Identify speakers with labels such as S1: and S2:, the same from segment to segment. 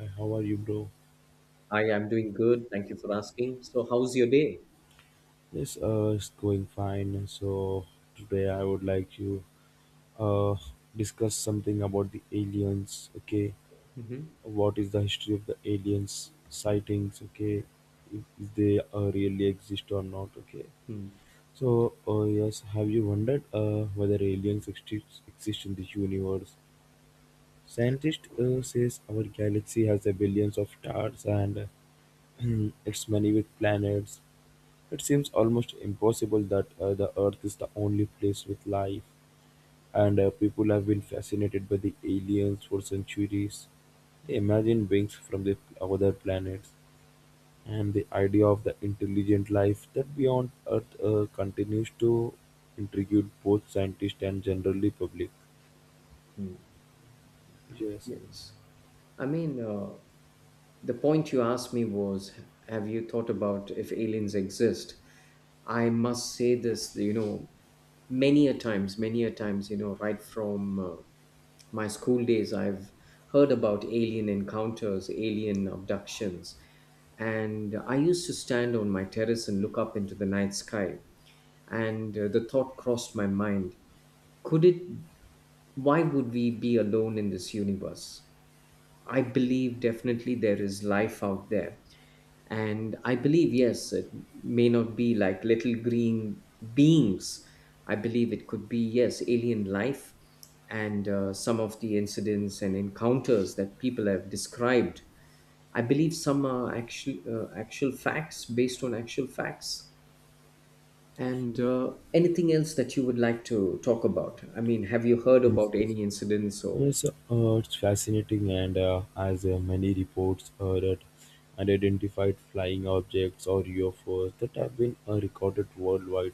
S1: Hi, how are you, bro?
S2: Hi, I'm doing good. Thank you for asking. So, how's your day?
S1: Yes, it's going fine. So today I would like you uh discuss something about the aliens. Okay,
S2: Mm-hmm.
S1: what is the history of the aliens sightings? Okay, if they really exist or not? Okay.
S2: Mm-hmm.
S1: Have you wondered whether aliens exist in the universe? Scientist says our galaxy has a billions of stars and it's many with planets. It seems almost impossible that the Earth is the only place with life, and people have been fascinated by the aliens for centuries. They imagine beings from the other planets, and the idea of the intelligent life that beyond Earth continues to intrigue both scientists and generally public. Yes,
S2: Yes. I mean, the point you asked me was, have you thought about if aliens exist? I must say this, you know, many a times, you know, right from my school days, I've heard about alien encounters, alien abductions. And I used to stand on my terrace and look up into the night sky. And the thought crossed my mind, could it why would we be alone in this universe? I believe definitely there is life out there. And I believe, yes, it may not be like little green beings. I believe it could be, yes, alien life. And some of the incidents and encounters that people have described, I believe some are actual facts, based on actual facts. And anything else that you would like to talk about? I mean, have you heard
S1: yes,
S2: about
S1: yes.
S2: any incidents or?
S1: Yes, uh, it's fascinating, and as many reports that unidentified flying objects or UFOs that have been recorded worldwide.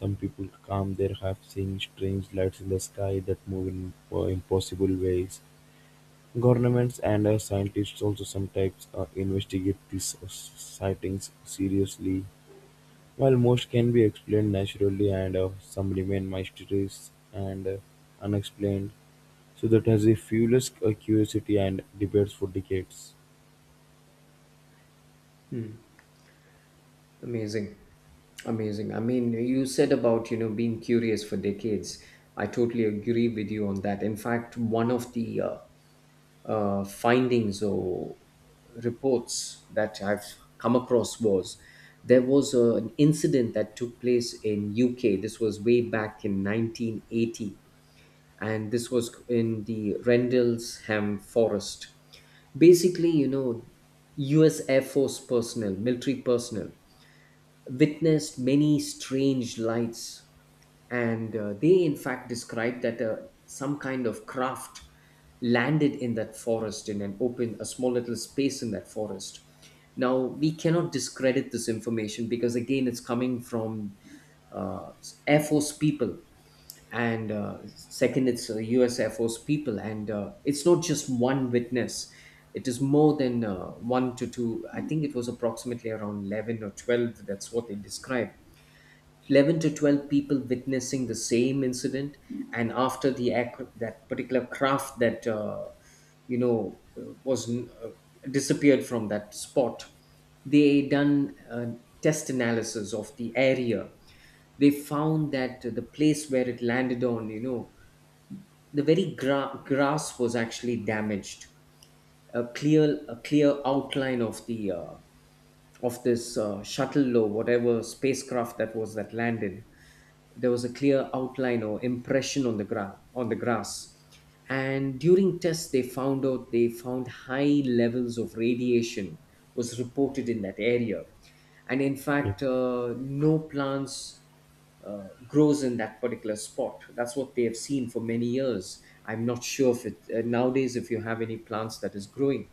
S1: Some people come there have seen strange lights in the sky that move in impossible ways. Governments and scientists also sometimes investigate these sightings seriously. While most can be explained naturally, and some remain mysterious and unexplained. So that has a fueled curiosity and debates for decades.
S2: Amazing. Amazing. I mean, you said about, you know, being curious for decades. I totally agree with you on that. In fact, one of the findings or reports that I've come across was, there was an incident that took place in UK. This was way back in 1980, and this was in the Rendlesham Forest. Basically, you know, US Air Force personnel, military personnel, witnessed many strange lights, and they, in fact, described that some kind of craft landed in that forest, in an open, a small little space in that forest. Now, we cannot discredit this information, because, again, it's coming from uh, Air Force people, and second, it's US Air Force people, and it's not just one witness, it is more than one to two. I think it was approximately around 11 or 12, that's what they described. 11 to 12 people witnessing the same incident. And after that particular craft that you know, disappeared from that spot, they done a test analysis of the area. They found that the place where it landed on, you know, the very grass was actually damaged. A clear outline of the of this shuttle, or whatever spacecraft that was that landed, there was a clear outline or impression on the on the grass. And during tests, they found out, they found high levels of radiation was reported in that area. And in
S1: Yeah.
S2: fact, no plants grows in that particular spot, that's what they have seen for many years. I'm not sure if it, nowadays, if you have any plants that is growing.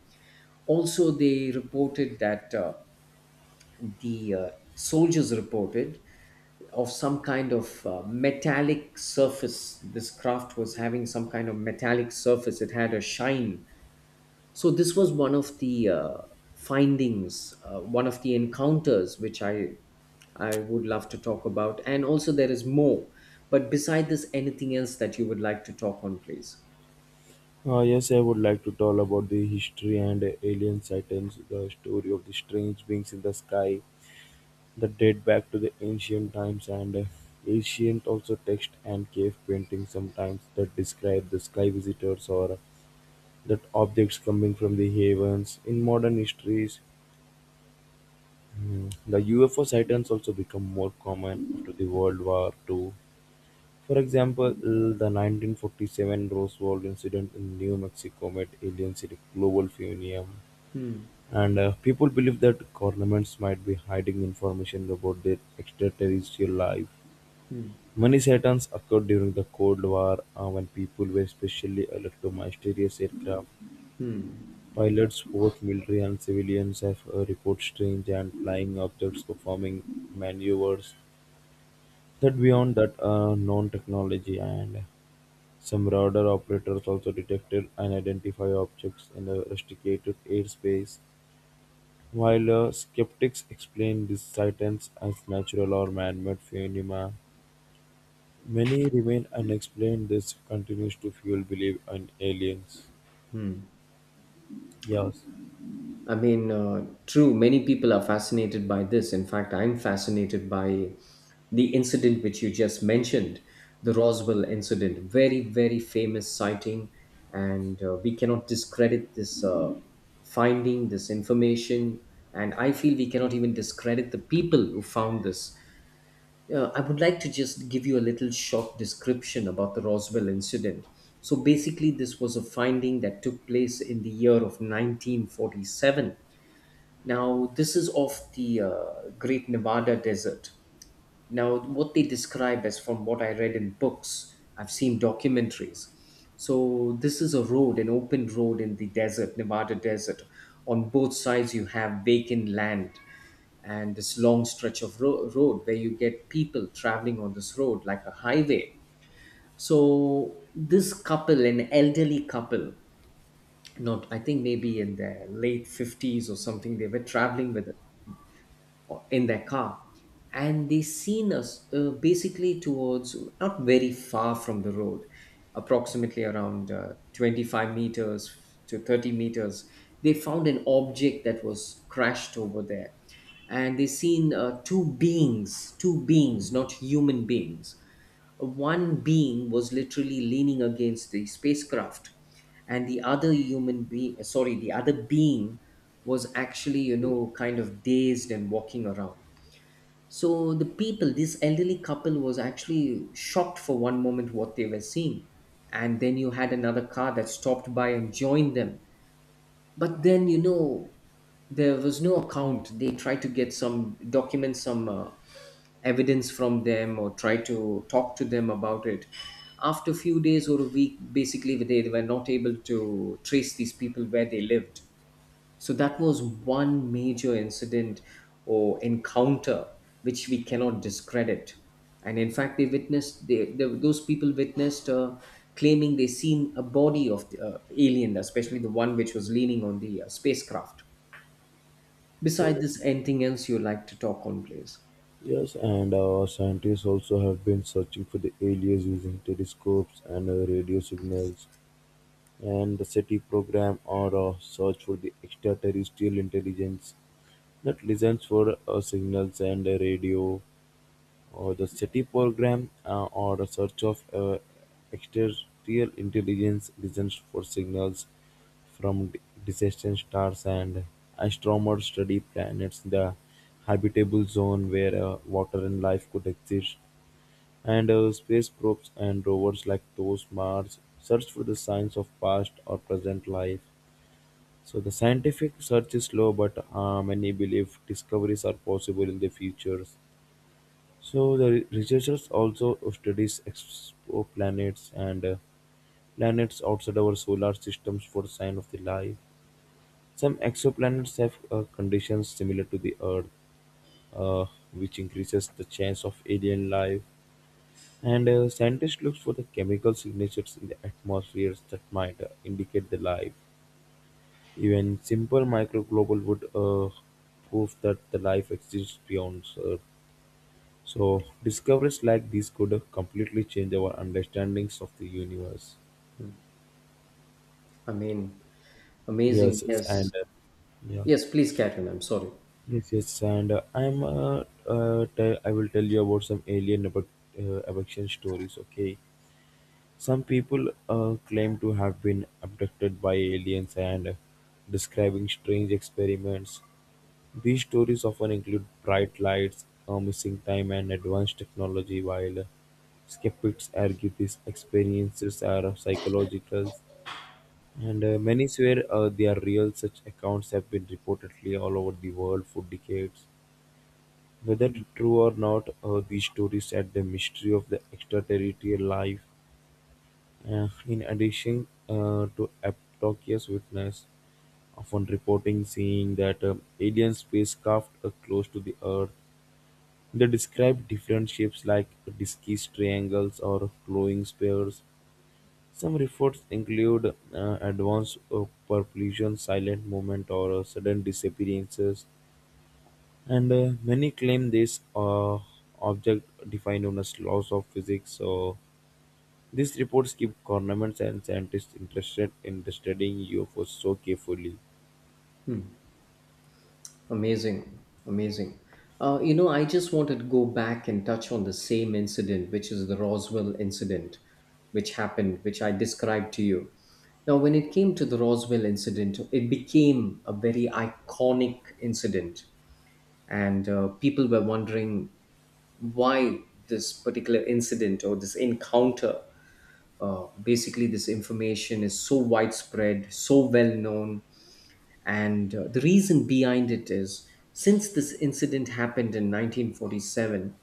S2: Also, they reported that the soldiers reported of some kind of metallic surface. This craft was having some kind of metallic surface, it had a shine. So, this was one of the findings, one of the encounters which I would love to talk about. And also, there is more. But beside this, anything else that you would like to talk on, please?
S1: Yes, I would like to tell about the history and alien sightings, the story of the strange beings in the sky that date back to the ancient times, and ancient also text and cave paintings sometimes that describe the sky visitors or that objects coming from the heavens. In modern histories, the UFO sightings also become more common after the World War II. For example, the 1947 Roswell incident in New Mexico made aliens a global phenomenon,
S2: Hmm.
S1: and people believe that governments might be hiding information about their extraterrestrial life. Many sightings occurred during the Cold War when people were especially alert to mysterious aircraft. Pilots, both military and civilians, have reported strange and flying objects performing maneuvers that beyond that known technology. And some radar operators also detected unidentified objects in a restricted airspace, while skeptics explain these sightings as natural or man-made phenomena. Many remain unexplained. This continues to fuel belief in aliens. Yes,
S2: I mean, true, many people are fascinated by this. In fact, I'm fascinated by the incident which you just mentioned, the Roswell incident. Very, very famous sighting. And we cannot discredit this finding, this information. And I feel we cannot even discredit the people who found this. I would like to just give you a little short description about the Roswell incident. So basically, this was a finding that took place in the year of 1947. Now, this is of the Great Nevada Desert. Now, what they describe as, from what I read in books, I've seen documentaries. So, this is a road, an open road in the desert, Nevada desert. On both sides, you have vacant land, and this long stretch of road where you get people traveling on this road like a highway. So, this couple, an elderly couple, not, I think maybe in their late 50s or something, they were traveling with a, or in their car, and they seen us, basically towards, not very far from the road, approximately around 25 meters to 30 meters, they found an object that was crashed over there. And they seen two beings, two beings, not human beings. One being was literally leaning against the spacecraft, and the other human being, sorry, the other being was actually, you know, kind of dazed and walking around. So the people, this elderly couple was actually shocked for one moment what they were seeing. And then you had another car that stopped by and joined them. But then, you know, there was no account. They tried to get some documents, some evidence from them, or try to talk to them about it. After a few days or a week, basically they were not able to trace these people, where they lived. So that was one major incident or encounter which we cannot discredit. And in fact, they witnessed, those people witnessed, claiming they seen a body of the alien, especially the one which was leaning on the spacecraft. Besides this, anything else you like to talk on, please?
S1: yes, and Scientists also have been searching for the aliens using telescopes and radio signals, and the SETI program or a search for the extraterrestrial intelligence that listens for signals and radio, or the SETI program or a search of extraterrestrial intelligence listens for signals from distant stars. And astronomers study planets the habitable zone where water and life could exist, and space probes and rovers like those Mars search for the signs of past or present life. So the scientific search is slow, but many believe discoveries are possible in the future. So the researchers also studies exoplanets and planets outside our solar systems for sign of the life. Some exoplanets have conditions similar to the Earth, uh, which increases the chance of alien life. And scientists look for the chemical signatures in the atmospheres that might indicate the life. Even simple microglobal would prove that the life exists beyond Earth. So discoveries like these could completely change our understandings of the universe.
S2: I mean, amazing,
S1: Yes, yes,
S2: yes.
S1: and yeah,
S2: Yes, please carry on. I'm sorry.
S1: yes, yes, and I'm tell, I will tell you about some abduction stories. Okay, some people claim to have been abducted by aliens and describing strange experiments. These stories often include bright lights, missing time, and advanced technology, while skeptics argue these experiences are psychological. And many swear they are real. Such accounts have been reportedly all over the world for decades. Whether true or not, these stories add the mystery of the extraterrestrial life. In addition to Apatoki's witness, often reporting seeing that alien spacecraft close to the Earth, they describe different shapes like disky triangles or glowing spheres. Some reports include advanced propulsion, silent movement, or sudden disappearances, and many claim this object defined on as laws of physics. So these reports keep governments and scientists interested in the studying UFOs so carefully.
S2: Hmm. Amazing. Amazing. You know, I just wanted to go back and touch on the same incident, which is the Roswell incident, which happened, which I described to you. Now, when it came to the Roswell incident, it became a very iconic incident. And people were wondering why this particular incident or this encounter, basically, this information is so widespread, so well known. And the reason behind it is, since this incident happened in 1947,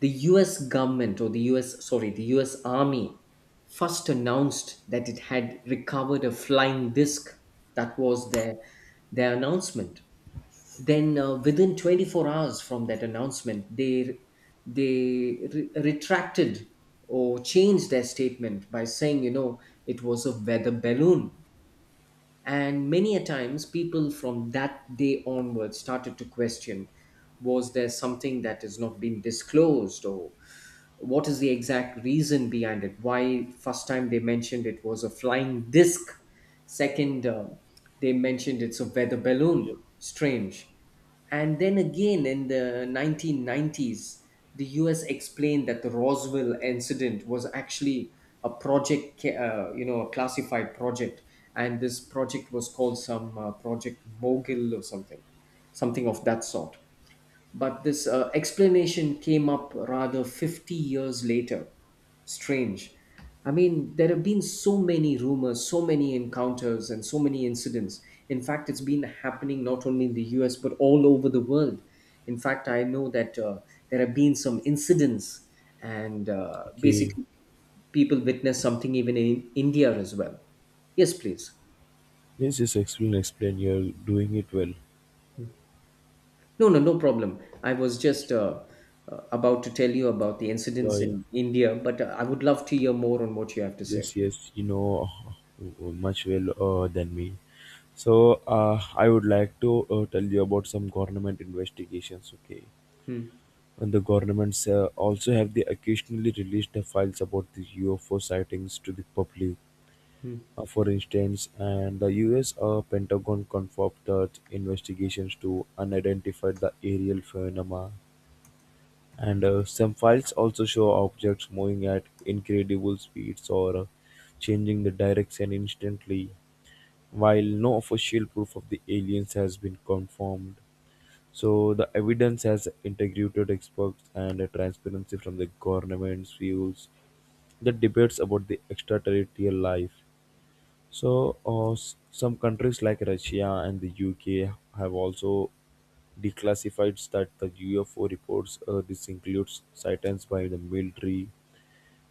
S2: the US government, or the US, sorry, the US Army first announced that it had recovered a flying disc. That was their announcement. Then, within 24 hours from that announcement, they retracted or changed their statement by saying, you know, it was a weather balloon. And many a times, people from that day onwards started to question, was there something that has not been disclosed, or what is the exact reason behind it? Why first time they mentioned it was a flying disc, second they mentioned it's a weather
S1: Yep.
S2: balloon. Strange. And then again, in the 1990s, the US explained that the Roswell incident was actually a you know, a classified project. And this project was called some Project Mogul or something, something of that sort. But this explanation came up rather 50 years later. Strange. I mean, there have been so many rumors, so many encounters, and so many incidents. In fact, it's been happening not only in the US, but all over the world. In fact, I know that there have been some incidents, and
S1: Okay,
S2: basically, people witness something even in India as well. Yes, please.
S1: this is excellent. Explain. You're doing it well.
S2: No, no, no problem. I was just about to tell you about the
S1: Yeah,
S2: incidents
S1: yeah.
S2: in India, but I would love to hear more on what you have to
S1: Yes,
S2: say.
S1: yes. You know, much well than me. So I would like to tell you about some government investigations. Okay,
S2: Hmm,
S1: and the governments also have the occasionally released the files about the UFO sightings to the public.
S2: hmm,
S1: For instance, and the US Pentagon confirmed that investigations to unidentified the aerial phenomena. And some files also show objects moving at incredible speeds or changing the direction instantly, while no official proof of the aliens has been confirmed. So the evidence has integrated experts and transparency from the government's views. The debates about the extraterrestrial life, so, some countries like Russia and the UK have also declassified that the UFO reports. This includes sightings by the military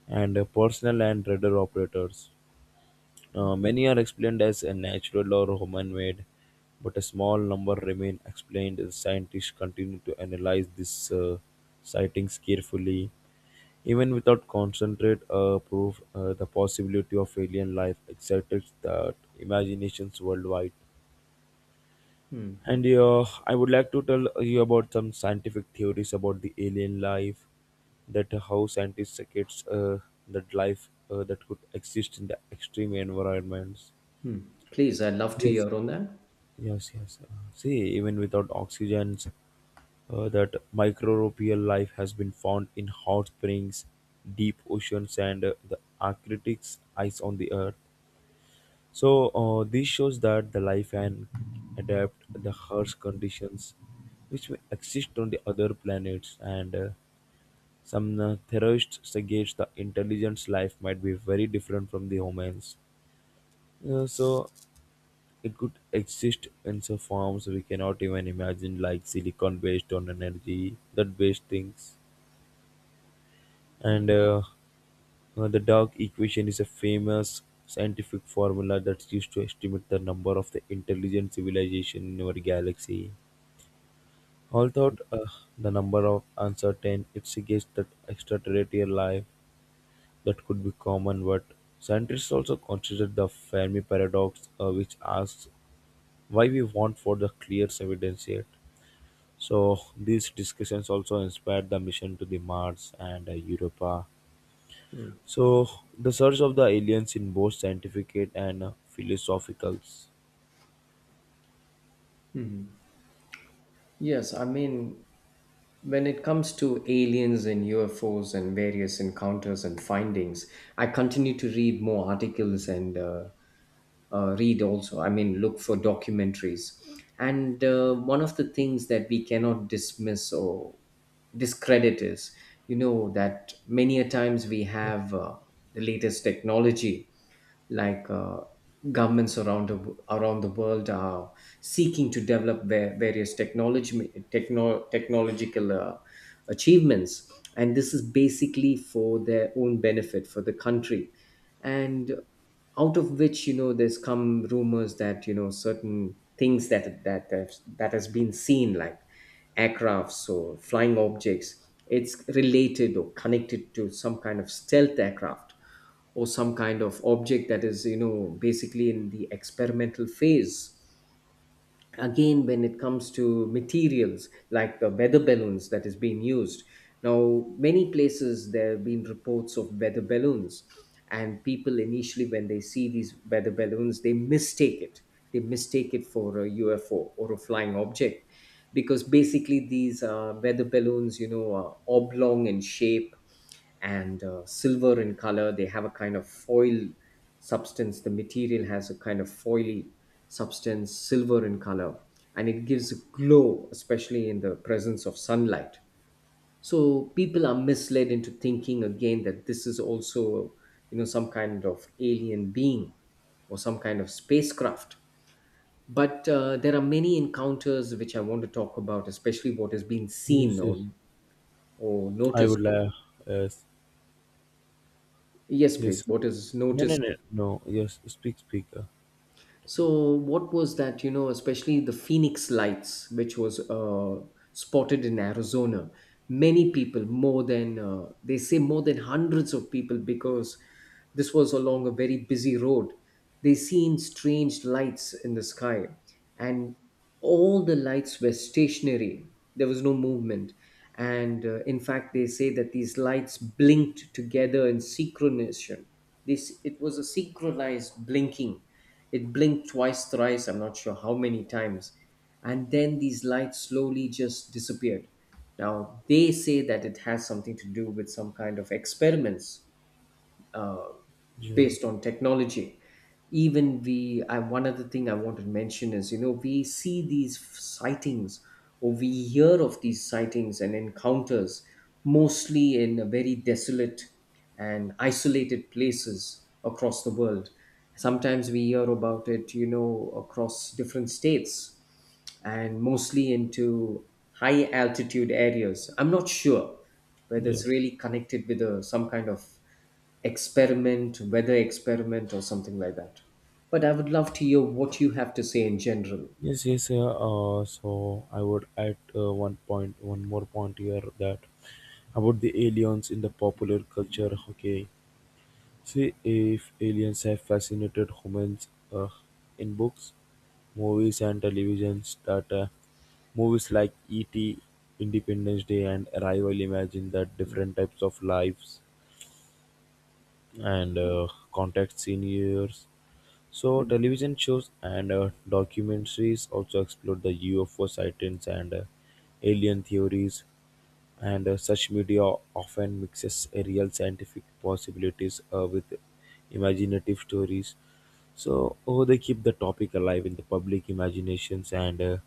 S1: and personal and radar operators. Many are explained as a natural or human-made, but a small number remain explained. As scientists continue to analyze these sightings carefully even without concentrate proof, the possibility of alien life excites that imaginations worldwide.
S2: hmm,
S1: And I would like to tell you about some scientific theories about the alien life, that how scientists gets that life that could exist in the extreme environments.
S2: hmm. Please, I'd love to
S1: Yes,
S2: hear on that.
S1: yes, yes. Uh, See, even without oxygens, that microbial life has been found in hot springs, deep oceans, and the Arctic's ice on the Earth. So this shows that the life can adapt the harsh conditions which may exist on the other planets, and some theorists suggest the intelligence life might be very different from the humans. So it could exist in some forms we cannot even imagine, like silicon based on energy, that based things. And The dog equation is a famous scientific formula that's used to estimate the number of the intelligent civilization in our galaxy. Although the number of uncertain, it suggests that extraterrestrial life that could be common, but scientists also consider the Fermi paradox, which asks why we want for the clear evidence yet. So these discussions also inspired the mission to the Mars and Europa.
S2: Hmm,
S1: So, the search of the aliens in both scientific and philosophical.
S2: hmm. Yes, I mean, when it comes to aliens and UFOs and various encounters and findings, I continue to read more articles and read also, I mean, look for documentaries. And one of the things that we cannot dismiss or discredit is, you know, that many a times we
S1: Yeah.
S2: have the latest technology, like governments around the, around the world are seeking to develop various technological achievements. And this is basically for their own benefit, for the country. And out of which, you know, there's come rumors that, you know, certain things that, that has been seen, like aircrafts or flying objects, it's related or connected to some kind of stealth aircraft, or some kind of object that is, you know, basically in the experimental phase. Again, when it comes to materials like the weather balloons that is being used, now many places there have been reports of weather balloons. And people initially, when they see these weather balloons, they mistake it for a UFO or a flying object. Because basically, these weather balloons, you know, are oblong in shape and silver in color. They have a kind of foil substance. The material has a kind of foily substance, silver in color, and it gives a glow, especially in the presence of sunlight. So people are misled into thinking, again, that this is also, you know, some kind of alien being or some kind of spacecraft. But there are many encounters which I want to talk about, especially what has been seen
S1: Yes, yes.
S2: or
S1: I
S2: noticed.
S1: would like. Yes,
S2: Yes, please.
S1: yes.
S2: What is
S1: No, no,
S2: noticed?
S1: no, no. Yes, speak, speak.
S2: So what was that? You know, especially the Phoenix Lights, which was spotted in Arizona. Many people, more than they say, more than hundreds of people, because this was along a very busy road. They seen strange lights in the sky, and all the lights were stationary. There was no movement, and in fact, they say that these lights blinked together in synchronization. This it was a synchronized blinking. It blinked twice, thrice. I'm not sure how many times, and then these lights slowly just disappeared. Now they say that it has something to do with some kind of experiments uh,
S1: Yeah,
S2: based on technology. Even we I one other thing I want to mention is, you know, we see these sightings or we hear of these sightings and encounters mostly in a very desolate and isolated places across the world. Sometimes we hear about it, you know, across different states, and mostly into high altitude areas. I'm not sure whether
S1: yeah.
S2: it's really connected with some kind of experiment, weather experiment, or something like that. But I would love to hear what you have to say in general.
S1: Yes, yes. Yeah. So, I would add one point, one more point here that about the aliens in the popular culture. Okay, see, if aliens have fascinated humans in books, movies and television data. Movies like E.T., Independence Day and Arrival imagine that different types of lives and contact seniors. So television shows and documentaries also explore the UFO sightings and alien theories, and such media often mixes real scientific possibilities with imaginative stories, so oh, they keep the topic alive in the public imaginations. And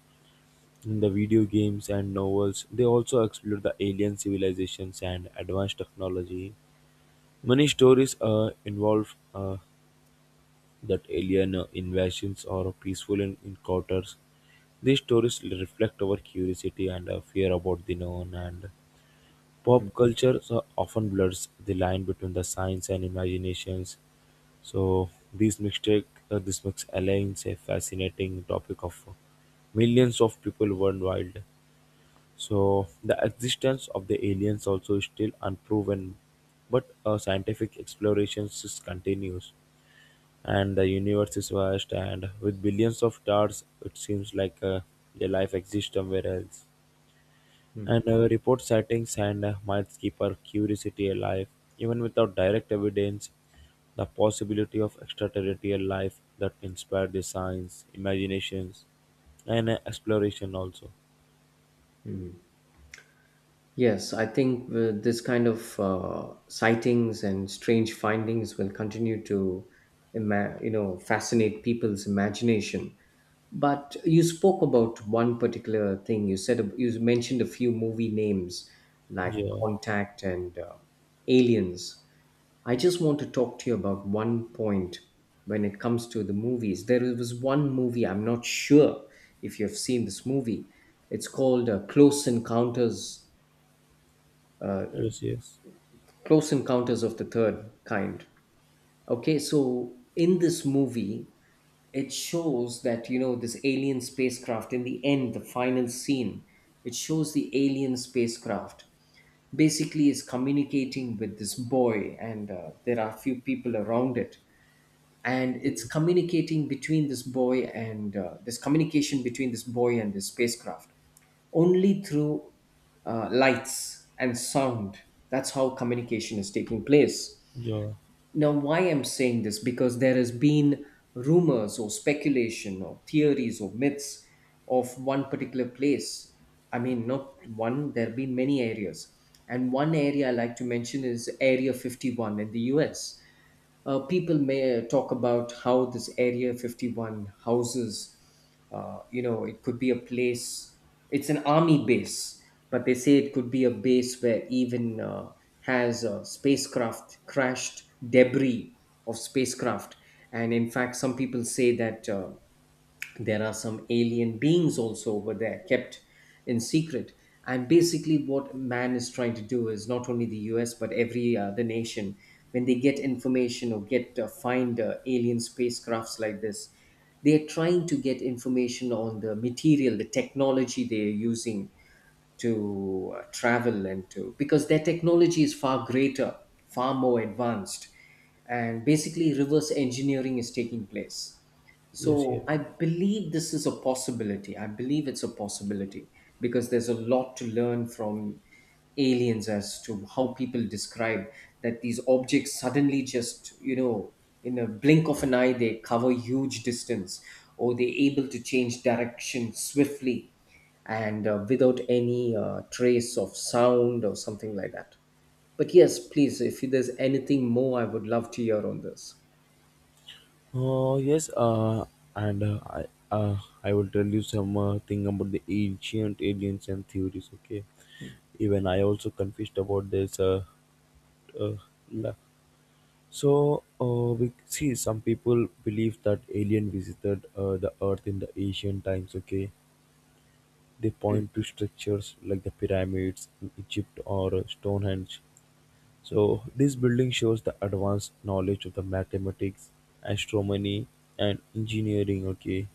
S1: in the video games and novels, they also explore the alien civilizations and advanced technology. Many stories involve that alien invasions or peaceful encounters. These stories reflect our curiosity and fear about the known. And
S2: Mm,
S1: pop culture so often blurs the line between the science and imaginations. So this makes aliens a fascinating topic of millions of people worldwide. So the existence of the aliens also is still unproven, but scientific explorations is continues, and the universe is vast, and with billions of stars, it seems like a life exists somewhere else,
S2: mm.
S1: and report sightings and might keep our curiosity alive. Even without direct evidence, the possibility of extraterrestrial life that inspired the science imaginations and exploration also.
S2: Yes, I think this kind of sightings and strange findings will continue to fascinate people's imagination. But you spoke about one particular thing. You said you mentioned a few movie names like
S1: Yeah,
S2: Contact and Aliens. I just want to talk to you about one point when it comes to the movies. There was one movie, I'm not sure if you've seen this movie. It's called Close Encounters,
S1: yes, yes,
S2: Close Encounters of the Third Kind. Okay, so in this movie, it shows that, you know, this alien spacecraft, in the end, the final scene, it shows the alien spacecraft basically is communicating with this boy, and there are a few people around it, and it's communicating between this boy and this communication between this boy and this spacecraft only through lights and sound. That's how communication is taking place.
S1: yeah,
S2: Now why I'm saying this, because there has been rumors or speculation or theories or myths of one particular place. I mean, not one, there have been many areas, and one area I like to mention is Area 51 in the US. People may talk about how this Area 51 houses, you know, it could be a place, it's an army base, but they say it could be a base where even has spacecraft crashed, debris of spacecraft. And in fact, some people say that. There are some alien beings also over there kept in secret, and basically what man is trying to do is not only the US but every other nation, when they get information or get find alien spacecrafts like this, they're trying to get information on the material, the technology they're using to travel and to, because their technology is far greater, far more advanced, and basically reverse engineering is taking place.
S1: yes, yes.
S2: So I believe this is a possibility. I believe it's a possibility because there's a lot to learn from aliens, as to how people describe that these objects suddenly just, you know, in a blink of an eye, they cover huge distance, or they're able to change direction swiftly and without any trace of sound or something like that. But yes, please, if there's anything more, I would love to hear on this.
S1: Oh yes, and uh, I will tell you some thing about the ancient aliens and theories. Okay, even I also confused about this. Uh, la- we see some people believe that alien visited the earth in the ancient times. Okay, they
S2: Mm.
S1: point to structures like the pyramids in Egypt or Stonehenge. So this building shows the advanced knowledge of the mathematics, astronomy, and engineering. Okay,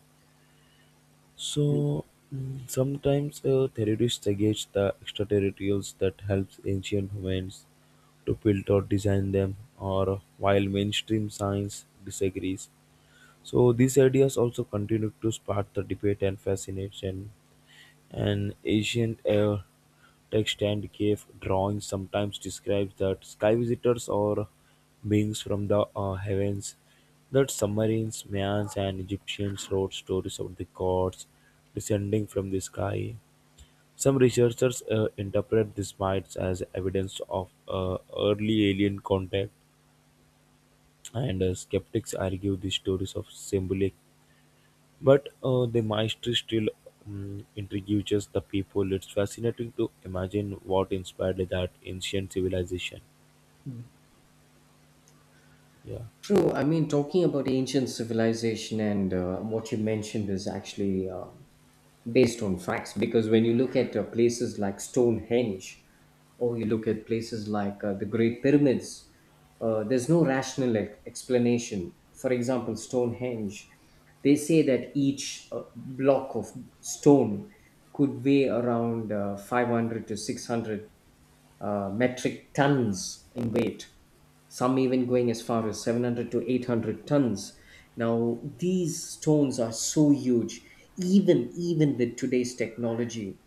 S1: so sometimes terrorists against the extraterrestrials that helps ancient humans to build or design them, or while mainstream science disagrees. So these ideas also continued to spark the debate and fascination. An ancient text and cave drawing sometimes describes that sky visitors or beings from the heavens, that submarines, Mayans, and Egyptians wrote stories of the gods descending from the sky. Some researchers interpret these myths as evidence of early alien contact, and skeptics argue these stories of symbolic. But the maestri still intrigues the people. It's fascinating to imagine what inspired that ancient civilization. Yeah,
S2: True. I mean, talking about ancient civilization and what you mentioned is actually based on facts, because when you look at places like Stonehenge, or you look at places like the Great Pyramids, there's no rational explanation. For example, Stonehenge, they say that each block of stone could weigh around 500 to 600 metric tons in weight, some even going as far as 700 to 800 tons. Now, these stones are so huge, even with today's technology,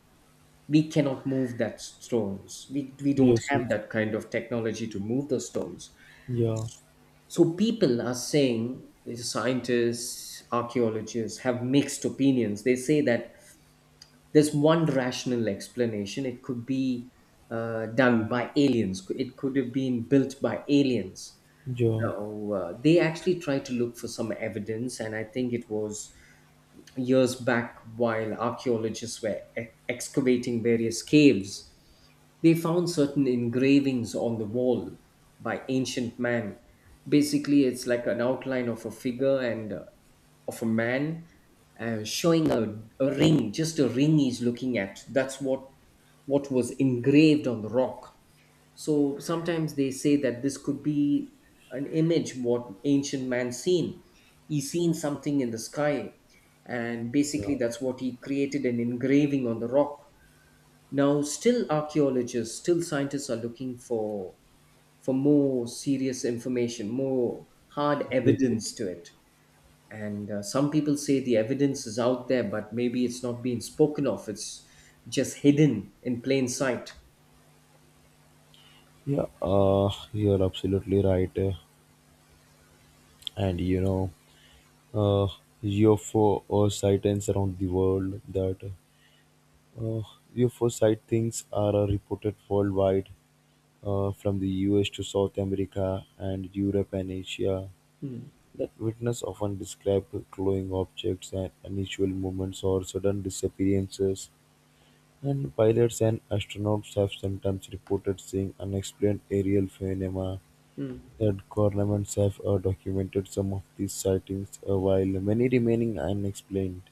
S2: we cannot move that stones. We don't
S1: yes,
S2: have
S1: yes.
S2: that kind of technology to move the stones.
S1: Yeah,
S2: So people are saying, scientists, archaeologists have mixed opinions. They say that there's one rational explanation. It could be done by aliens. It could have been built by aliens.
S1: yeah,
S2: Now, they actually tried to look for some evidence, and I think it was years back while archaeologists were excavating various caves. They found certain engravings on the wall by ancient man. Basically, it's like an outline of a figure and of a man showing a ring, just a ring he's looking at. That's what was engraved on the rock. So sometimes they say that this could be an image what ancient man seen. He seen something in the sky, and
S1: yeah,
S2: basically that's what he created, an engraving on the rock. Now, still archaeologists, still scientists are looking for more serious information, more hard
S1: true, true.
S2: evidence to it. And some people say the evidence is out there, but maybe it's not being spoken of. It's just hidden in plain sight.
S1: Yeah. You're absolutely right. And you know, uh, UFO or sightings around the world that uh, UFO sightings are reported worldwide, from the US to South America and Europe and Asia.
S2: Hmm,
S1: That witnesses often described glowing objects and unusual movements or sudden disappearances, and pilots and astronauts have sometimes reported seeing unexplained aerial phenomena.
S2: hmm,
S1: That governments have documented some of these sightings, while many remaining unexplained.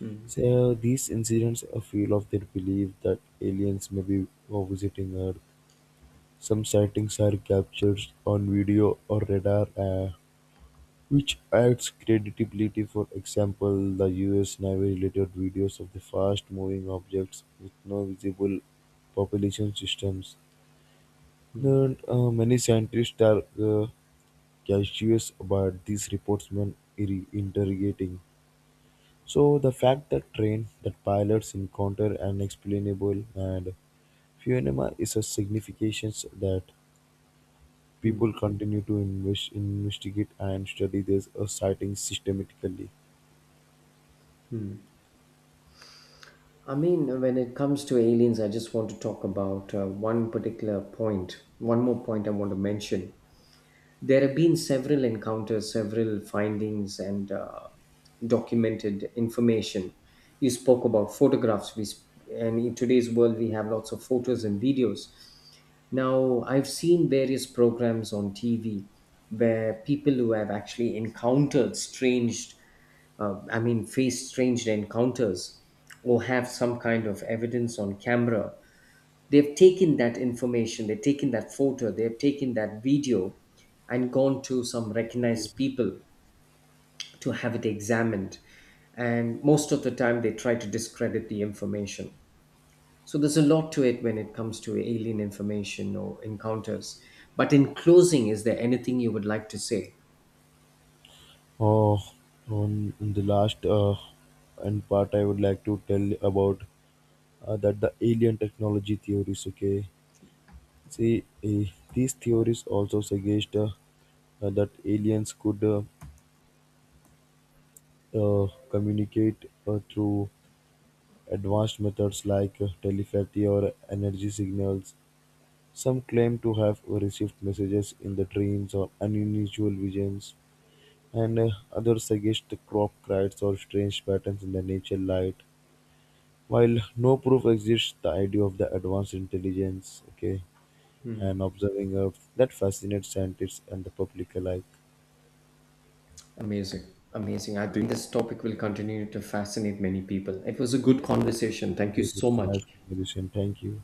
S2: hmm,
S1: So these incidents are fuel of their belief that aliens may be visiting Earth. Some sightings are captured on video or radar. Which adds credibility, for example, the US Navy related videos of the fast moving objects with no visible population systems.
S2: hmm,
S1: And many scientists are cautious about these reports when interrogating. So the fact that train that pilots encounter unexplainable and phenomena is a significance that
S2: hmm.
S1: people continue to investigate and study this sighting systematically.
S2: I mean, when it comes to aliens, I just want to talk about one particular point, one more point I want to mention. There have been several encounters, several findings, and documented information. You spoke about photographs, and in today's world, we have lots of photos and videos. Now, I've seen various programs on TV where people who have actually encountered strange, I mean, faced strange encounters, or have some kind of evidence on camera, they've taken that information, they've taken that photo, they've taken that video, and gone to some recognized people to have it examined. And most of the time, they try to discredit the information. So there's a lot to it when it comes to alien information or encounters. But in closing, is there anything you would like to say?
S1: Oh, on the last and part, I would like to tell about that the alien technology theories. Okay, see, these theories also suggest that aliens could communicate through advanced methods like telepathy or energy signals. Some claim to have received messages in the dreams or unusual visions, and others suggest crop cries or strange patterns in the nature light. While no proof exists, the idea of the advanced intelligence, okay,
S2: Hmm.
S1: and observing of that fascinates scientists and the public alike.
S2: Amazing. Amazing. I think this topic will continue to fascinate many people. It was a good conversation. Thank you
S1: Yes,
S2: so
S1: it's a nice
S2: much.
S1: conversation. Thank you.